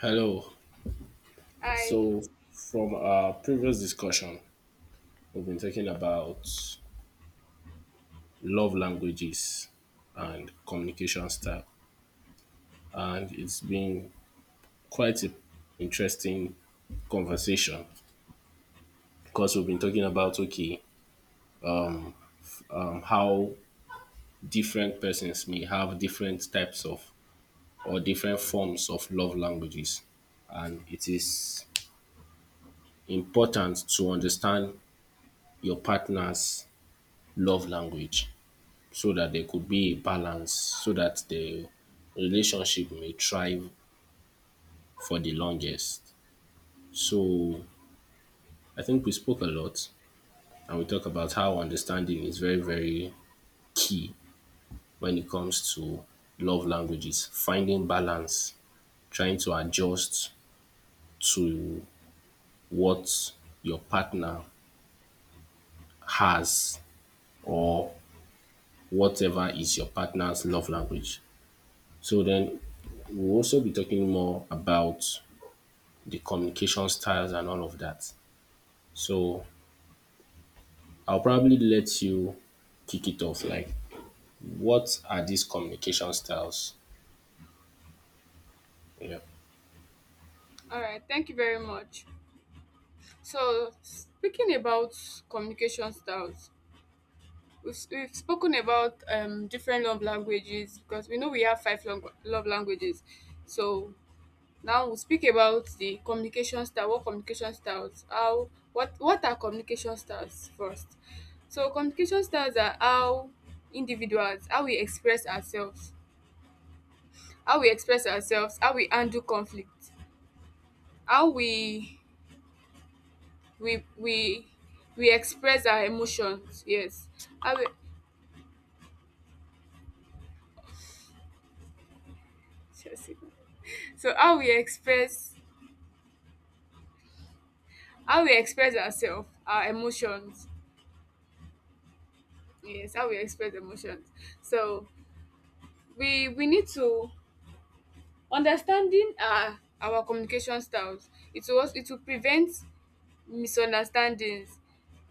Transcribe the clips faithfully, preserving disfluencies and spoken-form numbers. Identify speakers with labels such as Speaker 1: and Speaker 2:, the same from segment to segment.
Speaker 1: Hello.
Speaker 2: I
Speaker 1: So, from our previous discussion, we've been talking about love languages and communication style, and it's been quite an interesting conversation because we've been talking about okay, um, how different persons may have different types of or different forms of love languages, and it is important to understand your partner's love language so that there could be a balance so that the relationship may thrive for the longest. So I think we spoke a lot and we talked about how understanding is very, very key when it comes to love languages, finding balance, trying to adjust to what your partner has or whatever is your partner's love language. So then we'll also be talking more about the communication styles and all of that. So I'll probably let you kick it off. Like, what are these communication styles? Yeah.
Speaker 2: All right, thank you very much. So speaking about communication styles, we've, we've spoken about um different love languages, because we know we have five long, love languages. So now we'll speak about the communication style. What communication styles? How? What? What are communication styles first? So communication styles are how individuals, how we express ourselves, how we express ourselves, how we handle conflict, how we we we we express our emotions. Yes, how we— so how we express— how we express ourselves, our emotions. Yes, how we express emotions. So we we need to— understanding our our communication styles, it was it will prevent misunderstandings,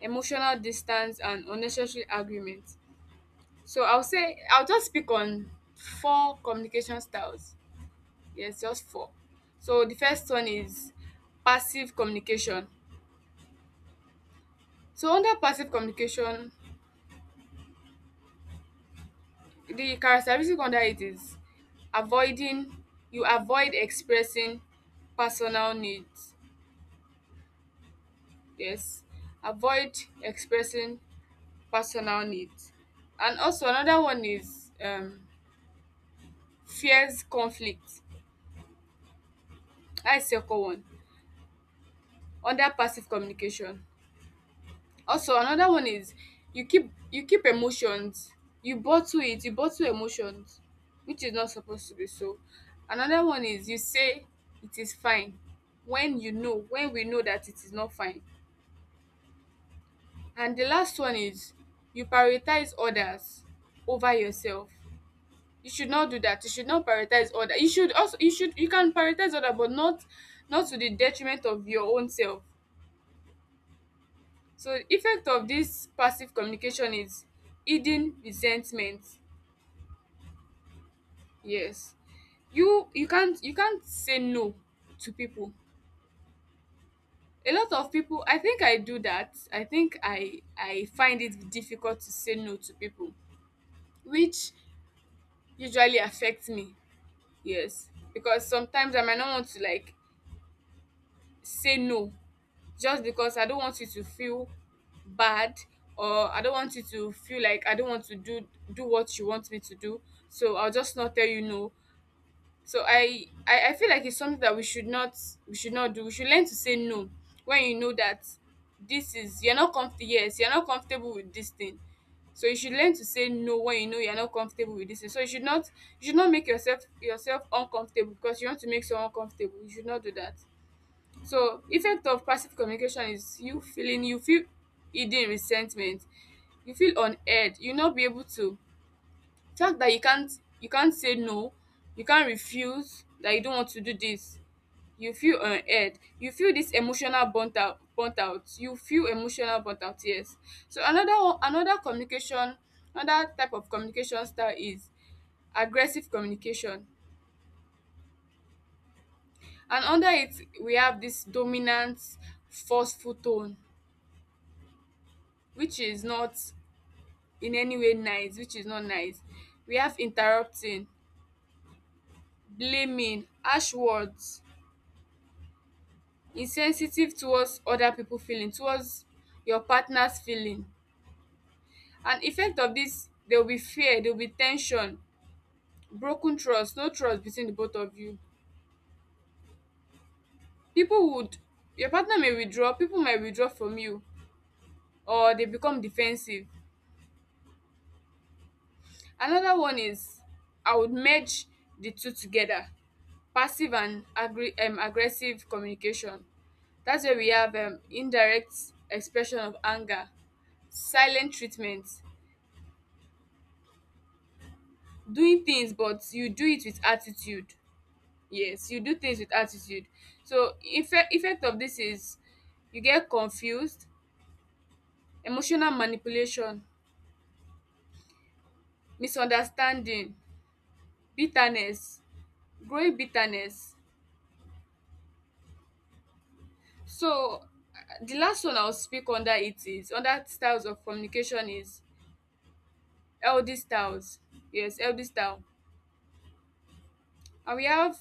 Speaker 2: emotional distance, and unnecessary arguments. So i'll say I'll just speak on four communication styles. Yes, just four. So the first one is passive communication. So under passive communication, the characteristic under it is avoiding— you avoid expressing personal needs. Yes. Avoid expressing personal needs. And also another one is um fears conflict. That is second one under passive communication. Also another one is you keep you keep emotions, you bottle it, you bottle emotions, which is not supposed to be so. Another one is you say it is fine when you know, when we know that it is not fine. And the last one is you prioritize others over yourself. You should not do that. You should not prioritize other. You should also— you should— you can prioritize other, but not not to the detriment of your own self. So effect of this passive communication is hidden resentment. Yes. You— you can't you can't say no to people. A lot of people— I think I do that. I think I I find it difficult to say no to people, which usually affects me. Yes. Because sometimes I might not want to, like, say no just because I don't want you to feel bad, or I don't want you to feel like I don't want to do do what you want me to do. So I'll just not tell you no. So I, I I feel like it's something that we should not— we should not do. We should learn to say no when you know that this is— you're not comfortable. Yes, you're not comfortable with this thing. So you should learn to say no when you know you're not comfortable with this thing. So you should not— you should not make yourself yourself uncomfortable because you want to make someone comfortable. You should not do that. So effect of passive communication is you feeling— you feel hidden resentment, you feel unheard, you not be able to— fact that you can't— you can't say no, you can't refuse, that you don't want to do this, you feel unheard, you feel this emotional burnt out burnt out, you feel emotional burnt out. Yes. So another one— another communication— another type of communication style is aggressive communication, and under it we have this dominant forceful tone, which is not in any way nice, which is not nice. We have interrupting, blaming, harsh words, insensitive towards other people feeling, towards your partner's feeling. And effect of this, there will be fear, there will be tension, broken trust, no trust between the both of you. People would— your partner may withdraw, people might withdraw from you, or they become defensive. Another one is— I would merge the two together. Passive and agri um aggressive communication. That's where we have um indirect expression of anger, silent treatment, doing things but you do it with attitude. Yes, you do things with attitude. So effect effect of this is you get confused, emotional manipulation, misunderstanding, bitterness, growing bitterness. So uh, the last one I'll speak under it— is under styles of communication— is L D styles. Yes, L D style. And we have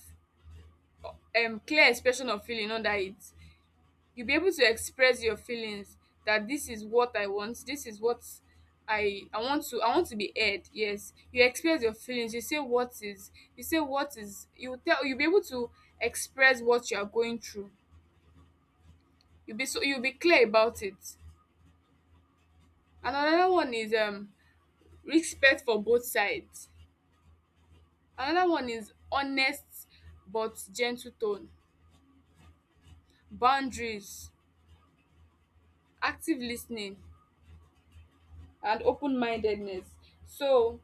Speaker 2: um clear expression of feeling. Under it, you'll be able to express your feelings, that this is what I want, this is what i i want to— I want to be heard. Yes, you express your feelings, you say what is— you say what is— you tell— you'll be able to express what you are going through. You'll be— so you'll be clear about it. And another one is um respect for both sides. Another one is honest but gentle tone, boundaries, active listening, and open mindedness. So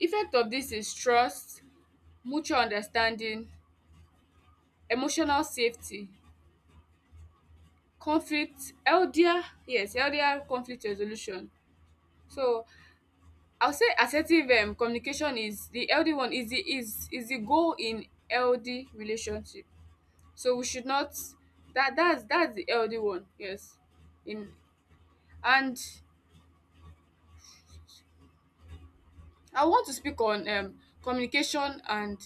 Speaker 2: effect of this is trust, mutual understanding, emotional safety, conflict healthier— yes, healthier conflict resolution. So I will say assertive um communication— is the L D one— is the— is is the goal in L D relationship. So we should not— That dats that's the L D one. Yes. In— and I want to speak on um, communication and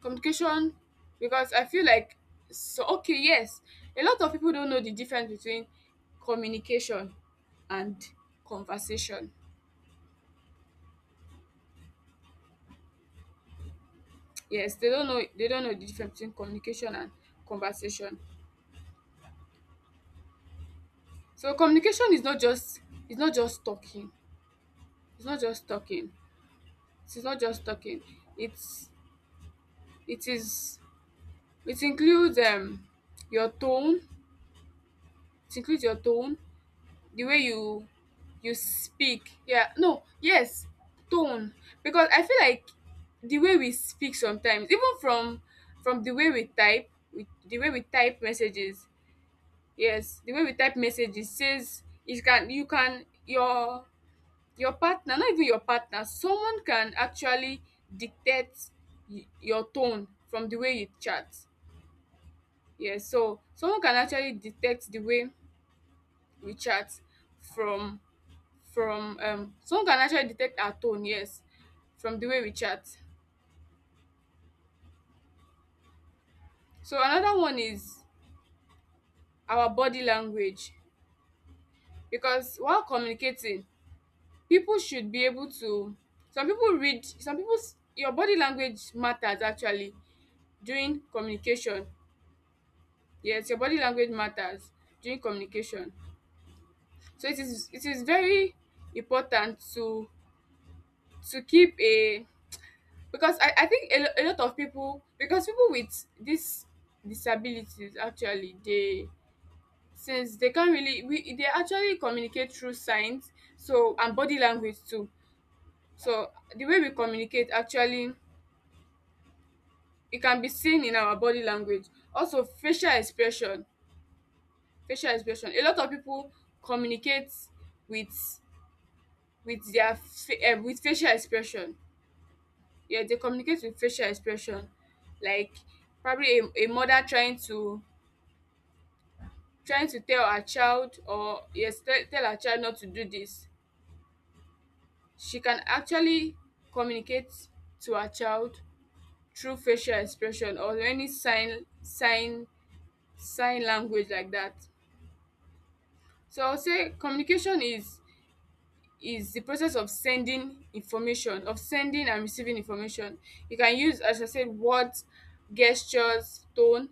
Speaker 2: communication, because I feel like— so okay, yes, a lot of people don't know the difference between communication and conversation. Yes, they don't know— they don't know the difference between communication and conversation. So communication is not just— it's not just talking. It's not just talking. It's not just talking. It's— it is— it includes um your tone. It includes your tone, the way you you speak. Yeah, no, yes, tone. Because I feel like the way we speak sometimes, even from— from the way we type— we, the way we type messages— yes, the way we type messages, says it can— you can— your— your partner, not even your partner, someone can actually dictate y- your tone from the way you chat. Yes, so someone can actually detect the way we chat from— from um someone can actually detect our tone. Yes, from the way we chat. So another one is our body language, because while communicating, people should be able to— some people read— some people's— your body language matters, actually, during communication. Yes, your body language matters during communication. So it is— it is very important to— to keep a— because I, I think a, lo- a lot of people— because people with these disabilities actually, they— since they can't really— we— they actually communicate through signs, so and body language too. So the way we communicate actually, it can be seen in our body language. Also facial expression. Facial expression, a lot of people communicate with with their fa- uh, with facial expression. Yeah, they communicate with facial expression. Like probably a, a mother trying to trying to tell her child, or yes, tell— tell her child not to do this, she can actually communicate to her child through facial expression or any sign sign sign language like that. So I will say communication is— is the process of sending information— of sending and receiving information. You can use, as I said, words, gestures, tone,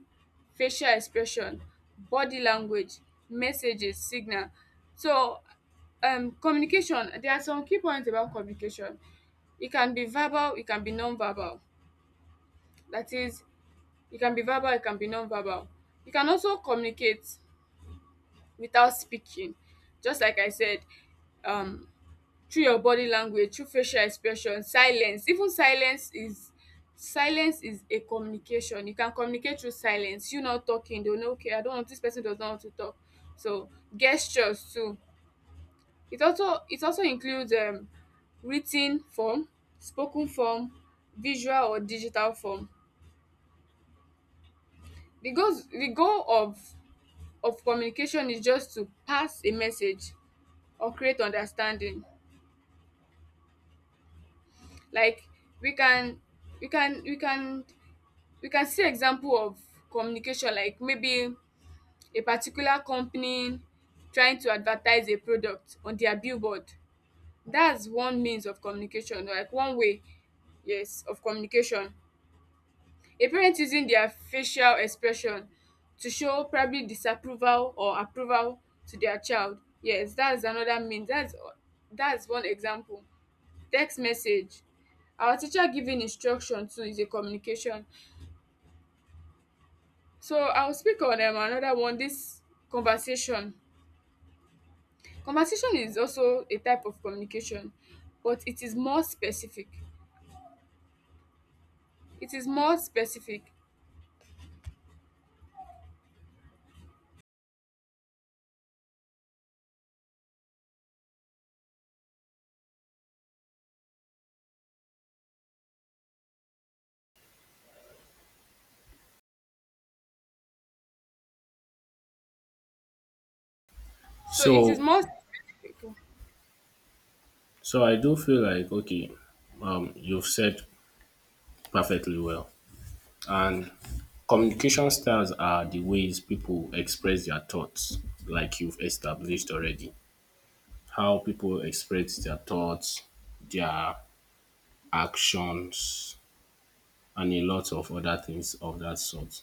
Speaker 2: facial expression, body language, messages, signal. So um communication— there are some key points about communication. It can be verbal, it can be non-verbal. That is, it can be verbal, it can be non-verbal. You can also communicate without speaking, just like I said, um through your body language, through facial expression, silence— even silence is— silence is a communication. You can communicate through silence. You not talking, they will know, okay, I don't want— this person does not want to talk. So gestures too. it also it also includes um written form, spoken form, visual or digital form. the goals the goal of of communication is just to pass a message or create understanding. Like, we can we can we can we can see example of communication, like maybe a particular company trying to advertise a product on their billboard. That's one means of communication, like one way, yes, of communication. A parent using their facial expression to show probably disapproval or approval to their child. Yes, that's another means. That's that's one example. Text message. Our teacher giving instruction too is a communication. So I'll speak on um, another one, this conversation. Conversation is also a type of communication, but it is more specific. It is more specific. So it is
Speaker 1: So,
Speaker 2: more specific.
Speaker 1: so I do feel like okay, um, you've said perfectly well, and communication styles are the ways people express their thoughts, like you've established already. How people express their thoughts, their actions, and a lot of other things of that sort.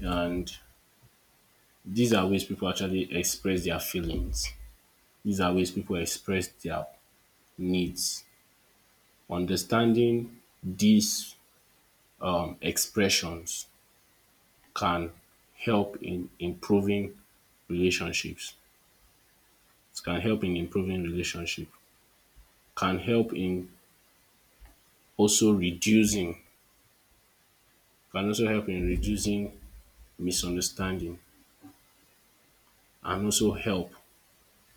Speaker 1: And these are ways people actually express their feelings. These are ways people express their needs. Understanding these um, expressions can help in improving relationships. It can help in improving relationship. Can help in also reducing. Can also help in reducing misunderstanding and also help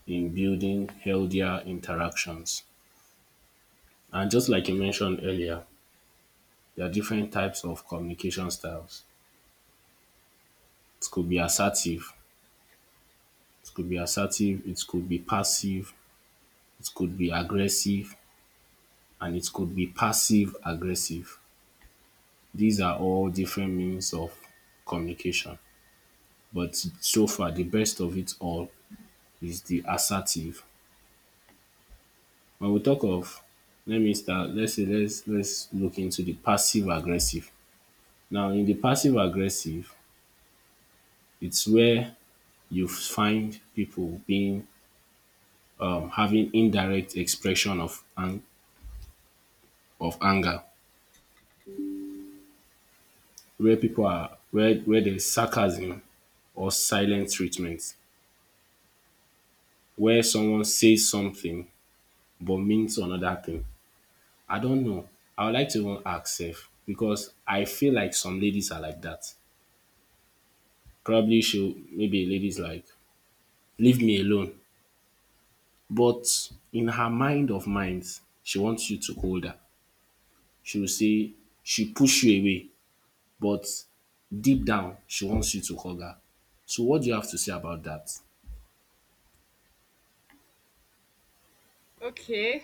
Speaker 1: in building healthier interactions. And just like you mentioned earlier, there are different types of communication styles. It could be assertive, it could be assertive, it could be passive, it could be aggressive, and it could be passive aggressive. These are all different means of communication, but so far the best of it all is the assertive. When we talk of let me start let's say let's let's look into the passive aggressive. Now in the passive aggressive, it's where you find people being um having indirect expression of an of anger, where people are where where there's sarcasm or silent treatment, where someone says something but means another thing. I don't know. I would like to even ask sef because I feel like some ladies are like that. Probably she maybe a lady like leave me alone, but in her mind of minds she wants you to hold her. She will say she push you away, but deep down she wants you to hug her. So what do you have to say about that?
Speaker 2: Okay.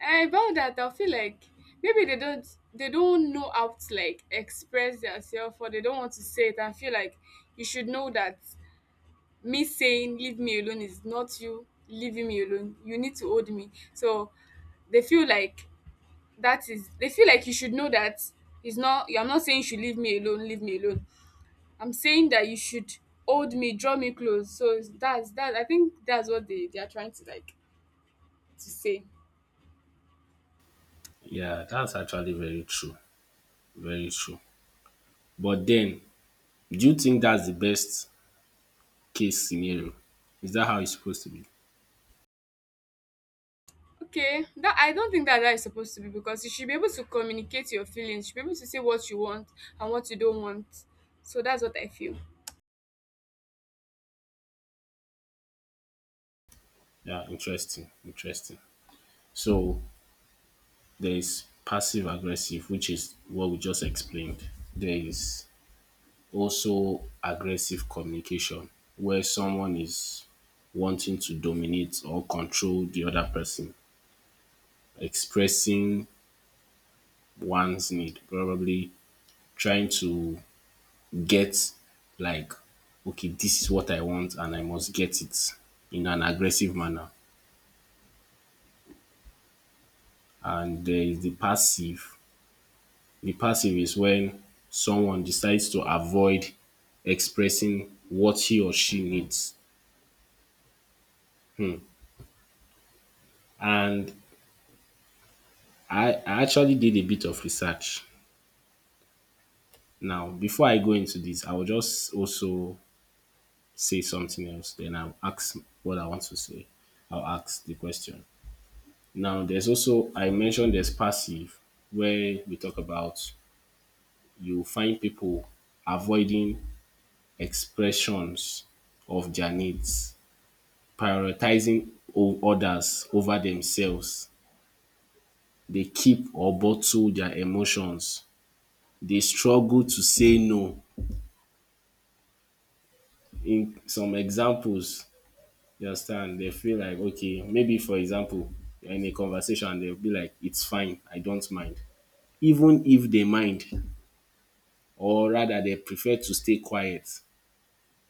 Speaker 2: And about that, I feel like maybe they don't— they don't know how to like express themselves, or they don't want to say it and feel like you should know that me saying leave me alone is not you leaving me alone. You need to hold me. So they feel like that is— they feel like you should know that it's not— I'm not saying you should leave me alone, leave me alone. I'm saying that you should hold me, draw me close. So that's that. I think that's what they— they are trying to, like, to say.
Speaker 1: Yeah, that's actually very true. Very true. But then, do you think that's the best case scenario? Is that how it's supposed to be?
Speaker 2: Okay, that— I don't think that that is supposed to be, because you should be able to communicate your feelings. You should be able to say what you want and what you don't want. So that's what I feel.
Speaker 1: Yeah, interesting, interesting. So there is passive aggressive, which is what we just explained. There is also aggressive communication, where someone is wanting to dominate or control the other person, expressing one's need, probably trying to get like okay, this is what I want and I must get it in an aggressive manner. And there is the passive. The passive is when someone decides to avoid expressing what he or she needs. And I, I actually did a bit of research. Now, before I go into this, I will just also say something else. Then I'll ask what I want to say. I'll ask the question. Now, there's also, I mentioned there's passive, where we talk about you find people avoiding expressions of their needs, prioritizing o- others over themselves. They keep or bottle their emotions. They struggle to say no. In some examples, you understand, they feel like, okay, maybe for example, in a conversation, they'll be like, it's fine, I don't mind. Even if they mind, or rather they prefer to stay quiet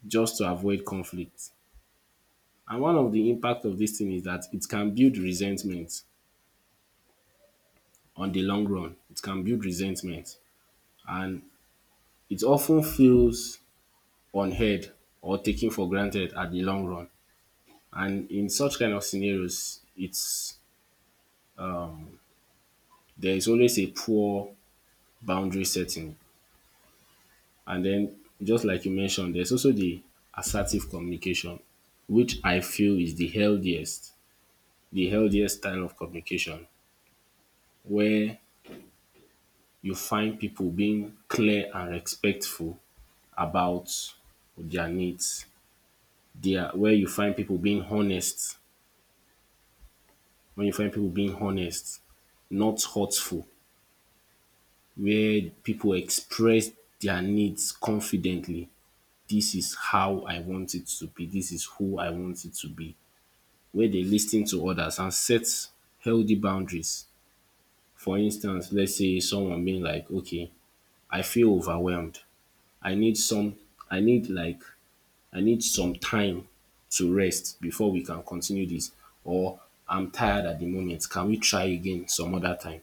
Speaker 1: just to avoid conflict. And one of the impact of this thing is that it can build resentment on the long run. It can build resentment and it often feels unheard or taken for granted at the long run. And in such kind of scenarios, it's there is always a poor boundary setting. And then just like you mentioned, there's also the assertive communication, which I feel is the healthiest, the healthiest style of communication, where you find people being clear and respectful about their needs. There where you find people being honest, when you find people being honest, not hurtful, where people express their needs confidently. This is how I want it to be. This is who I want it to be. Where they listen to others and set healthy boundaries. For instance, let's say someone being like, okay, I feel overwhelmed. I need some I need like I need some time to rest before we can continue this, or I'm tired at the moment. Can we try again some other time?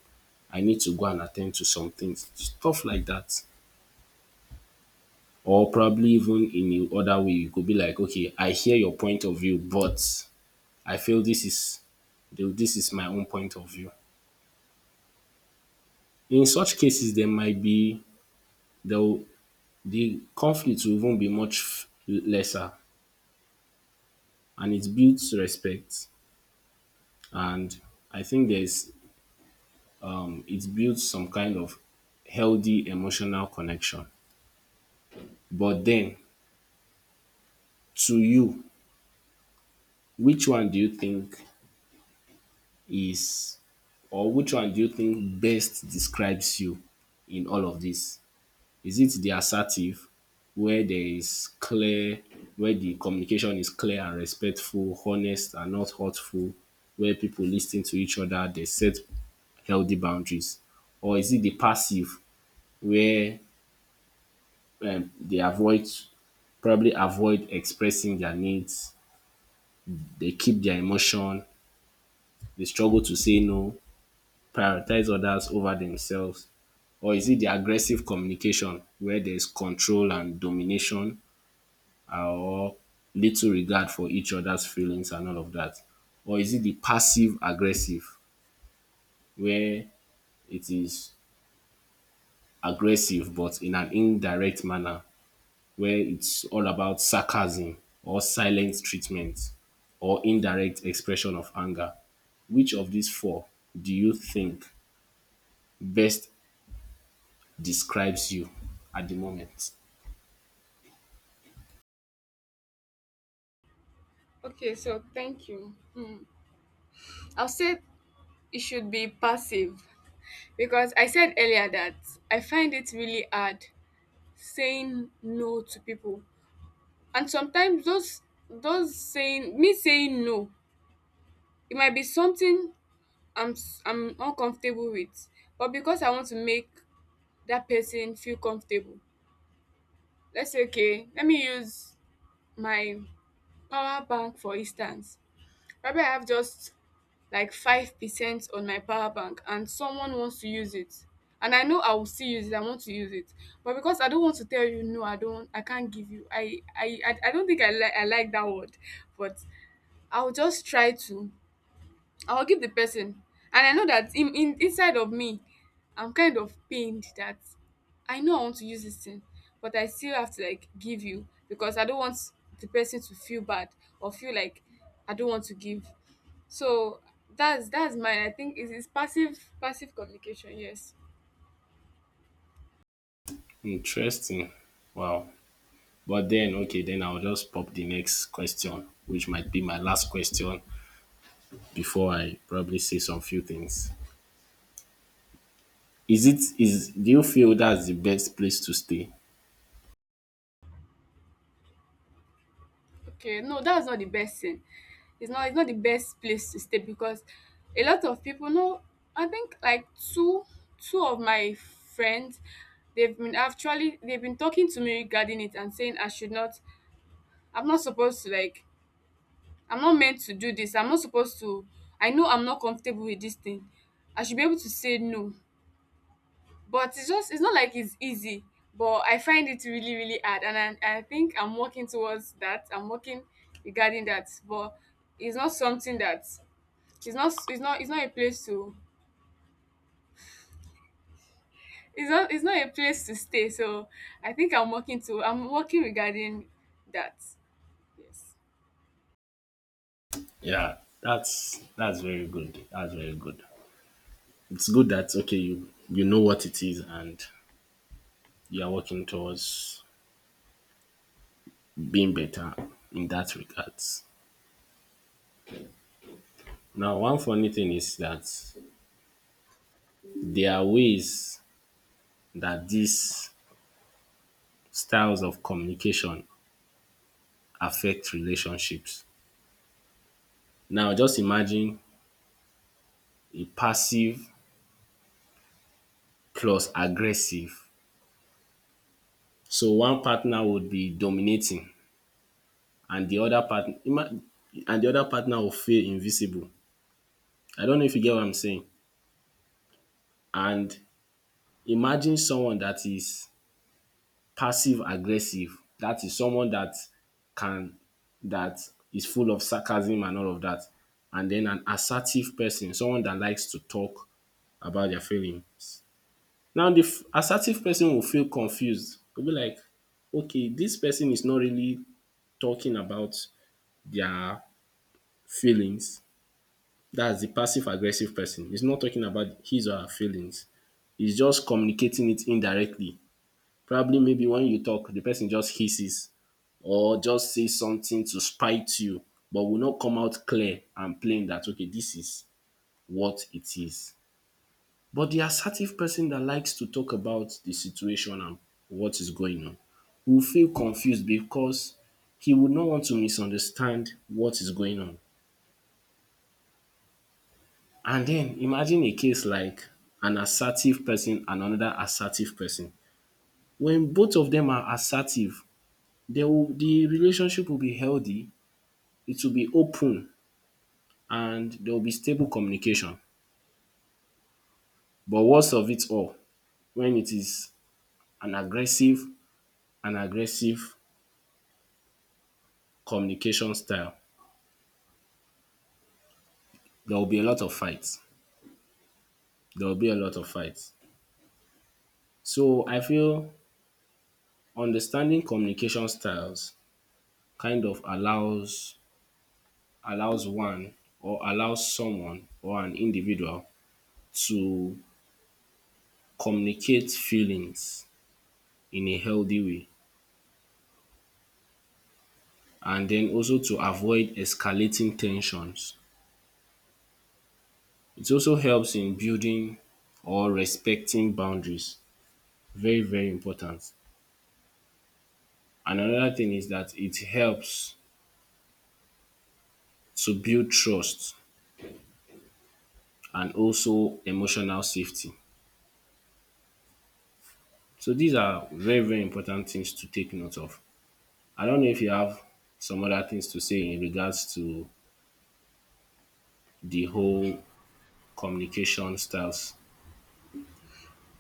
Speaker 1: I need to go and attend to some things. Stuff like that. Or probably even in the other way, you could be like, okay, I hear your point of view, but I feel this is this is my own point of view. In such cases, there might be there the conflict will even be much f- lesser, and it builds respect. And I think there's it builds some kind of healthy emotional connection. But then, to you, which one do you think is or which one do you think best describes you in all of this? Is it the assertive, where there is clear where the communication is clear and respectful, honest and not hurtful, where people listen to each other, they set healthy boundaries? Or is it the passive where um, they avoid probably avoid expressing their needs? They keep their emotion. They struggle to say no, prioritize others over themselves. Or is it the aggressive communication, where there's control and domination, uh, or little regard for each other's feelings and all of that? Or is it the passive aggressive, where it is aggressive but in an indirect manner, where it's all about sarcasm or silent treatment or indirect expression of anger? Which of these four do you think best describes you at the moment?
Speaker 2: Okay, so thank you. Hmm. I'll say it should be passive, because I said earlier that I find it really hard saying no to people. And sometimes those those saying me saying no, it might be something I'm s- I'm uncomfortable with, but because I want to make that person feel comfortable. Let's say okay, let me use my power bank for instance. Probably I have just like five percent on my power bank and someone wants to use it, and I know I will still use it, I want to use it, but because I don't want to tell you no, I don't I can't give you I I I, I don't think I, like I like that word, but I'll just try to I will give the person. And I know that in, in inside of me, I'm kind of pained that I know I want to use this thing, but I still have to like give you because I don't want the person to feel bad or feel like I don't want to give. So that's that's mine. I think it is passive passive communication, yes.
Speaker 1: Interesting. Wow. But then, okay, then I'll just pop the next question, which might be my last question before I probably say some few things. Is it is do you feel that's the best place to stay?
Speaker 2: Okay, no, that's not the best thing. It's not it's not the best place to stay because a lot of people know. I think like two two of my friends, they've been actually they've been talking to me regarding it and saying I should not I'm not supposed to like I'm not meant to do this. I'm not supposed to I know I'm not comfortable with this thing. I should be able to say no, but it's just it's not like it's easy, but I find it really really hard, and i, I think I'm working towards that, I'm working regarding that. But it's not something that it's not it's not it's not a place to it's not it's not a place to stay. So I think I'm working to I'm working regarding that, yes.
Speaker 1: Yeah, that's that's very good. That's very good. It's good that okay you you know what it is, and you are working towards being better in that regards. Now, one funny thing is that there are ways that these styles of communication affect relationships. Now, just imagine a passive plus aggressive. So one partner would be dominating, and the other partner and the other partner will feel invisible. I don't know if you get what I'm saying. And imagine someone that is passive aggressive, that is someone that can that is full of sarcasm and all of that, and then an assertive person, someone that likes to talk about their feelings. Now the f- assertive person will feel confused. Will be like, okay, this person is not really talking about their feelings. That's the passive aggressive person. He's not talking about his or her feelings. He's just communicating it indirectly. Probably maybe when you talk, the person just hisses or just says something to spite you, but will not come out clear and plain that okay, this is what it is. But the assertive person that likes to talk about the situation and what is going on will feel confused because he would not want to misunderstand what is going on. And then imagine a case like an assertive person and another assertive person. When both of them are assertive, they will the relationship will be healthy, it will be open, and there will be stable communication. But worst of it all, when it is an aggressive an aggressive communication style, there will be a lot of fights. There will be a lot of fights. So I feel understanding communication styles kind of allows allows one or allows someone or an individual to communicate feelings in a healthy way and then also to avoid escalating tensions. It also helps in building or respecting boundaries. Very, very important. And another thing is that it helps to build trust and also emotional safety. So these are very, very important things to take note of. I don't know if you have some other things to say in regards to the whole communication styles.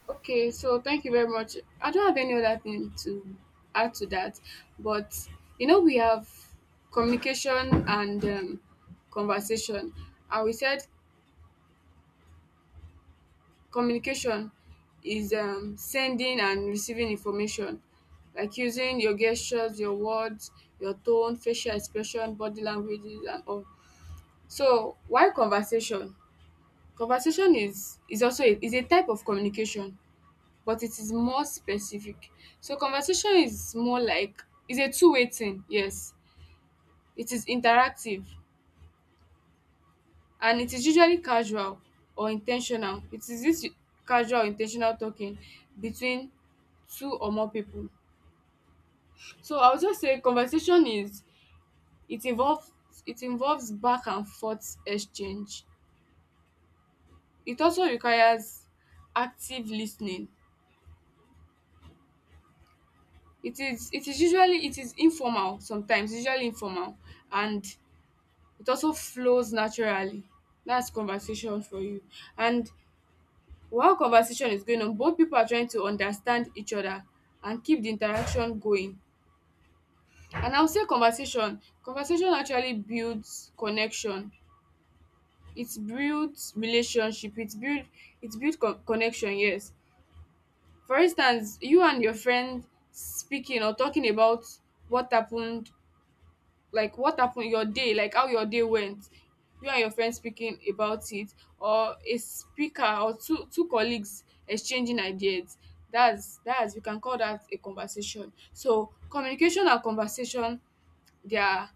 Speaker 2: Okay, so thank you very much. I don't have any other thing to add to that, but you know we have communication and um, conversation, and we said communication is um sending and receiving information, like using your gestures, your words, your tone, facial expression, body languages and all. So why conversation? Conversation is is also a is a type of communication, but it is more specific. So conversation is more like is a two way thing, yes. It is interactive and it is usually casual or intentional. It is this casual intentional talking between two or more people. So I would just say conversation is it involves it involves back and forth exchange. It also requires active listening. It is it is usually it is informal, sometimes usually informal, and it also flows naturally. That's conversation for you. And while conversation is going on, both people are trying to understand each other and keep the interaction going. And I would say conversation, conversation actually builds connection. It builds relationship. It build it builds co- connection. Yes. For instance, you and your friend speaking or talking about what happened, like what happened your day, like how your day went, you and your friend speaking about it, or a speaker or two two colleagues exchanging ideas, that's that's we can call that a conversation. So communication and conversation, they are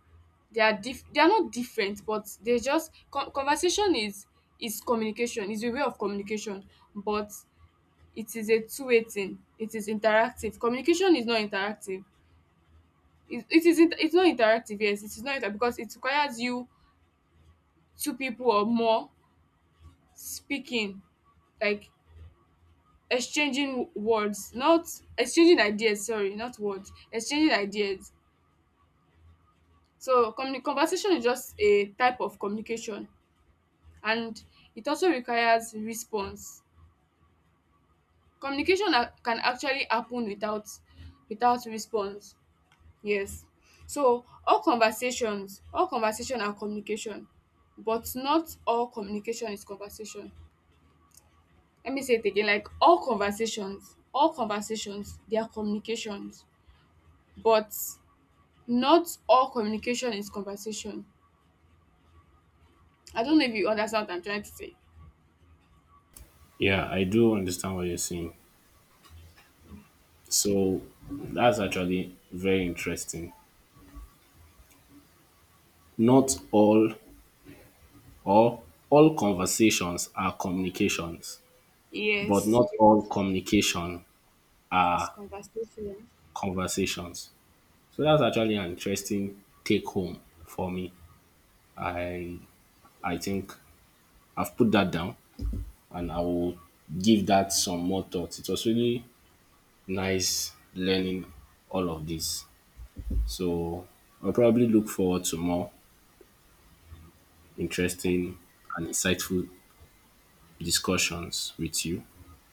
Speaker 2: they are diff- they are not different, but they just con- conversation is is communication is a way of communication, but it is a two-way thing. It is interactive. Communication is not interactive. it it is isn't it's not interactive, yes, it is not inter- because it requires you two people or more speaking, like exchanging words not exchanging ideas, sorry not words, exchanging ideas. So communi- conversation is just a type of communication, and it also requires response. communication a- can actually happen without without response. Yes. So all conversations all conversation are communication, but not all communication is conversation. Let me say it again, like all conversations all conversations they are communications, but not all communication is conversation. I don't know if you understand what I'm trying to say.
Speaker 1: Yeah, I do understand what you're saying. So that's actually very interesting. Not all or all conversations are communications, but
Speaker 2: Yes,
Speaker 1: not all communication
Speaker 2: it's
Speaker 1: are
Speaker 2: conversation.
Speaker 1: conversations. So that's actually an interesting take home for me. I I think I've put that down and I will give that some more thought. It was really nice learning all of this. So I'll probably look forward to more interesting and insightful discussions with you.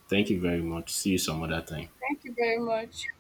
Speaker 1: Thank you very much. See you some other time.
Speaker 2: Thank you very much.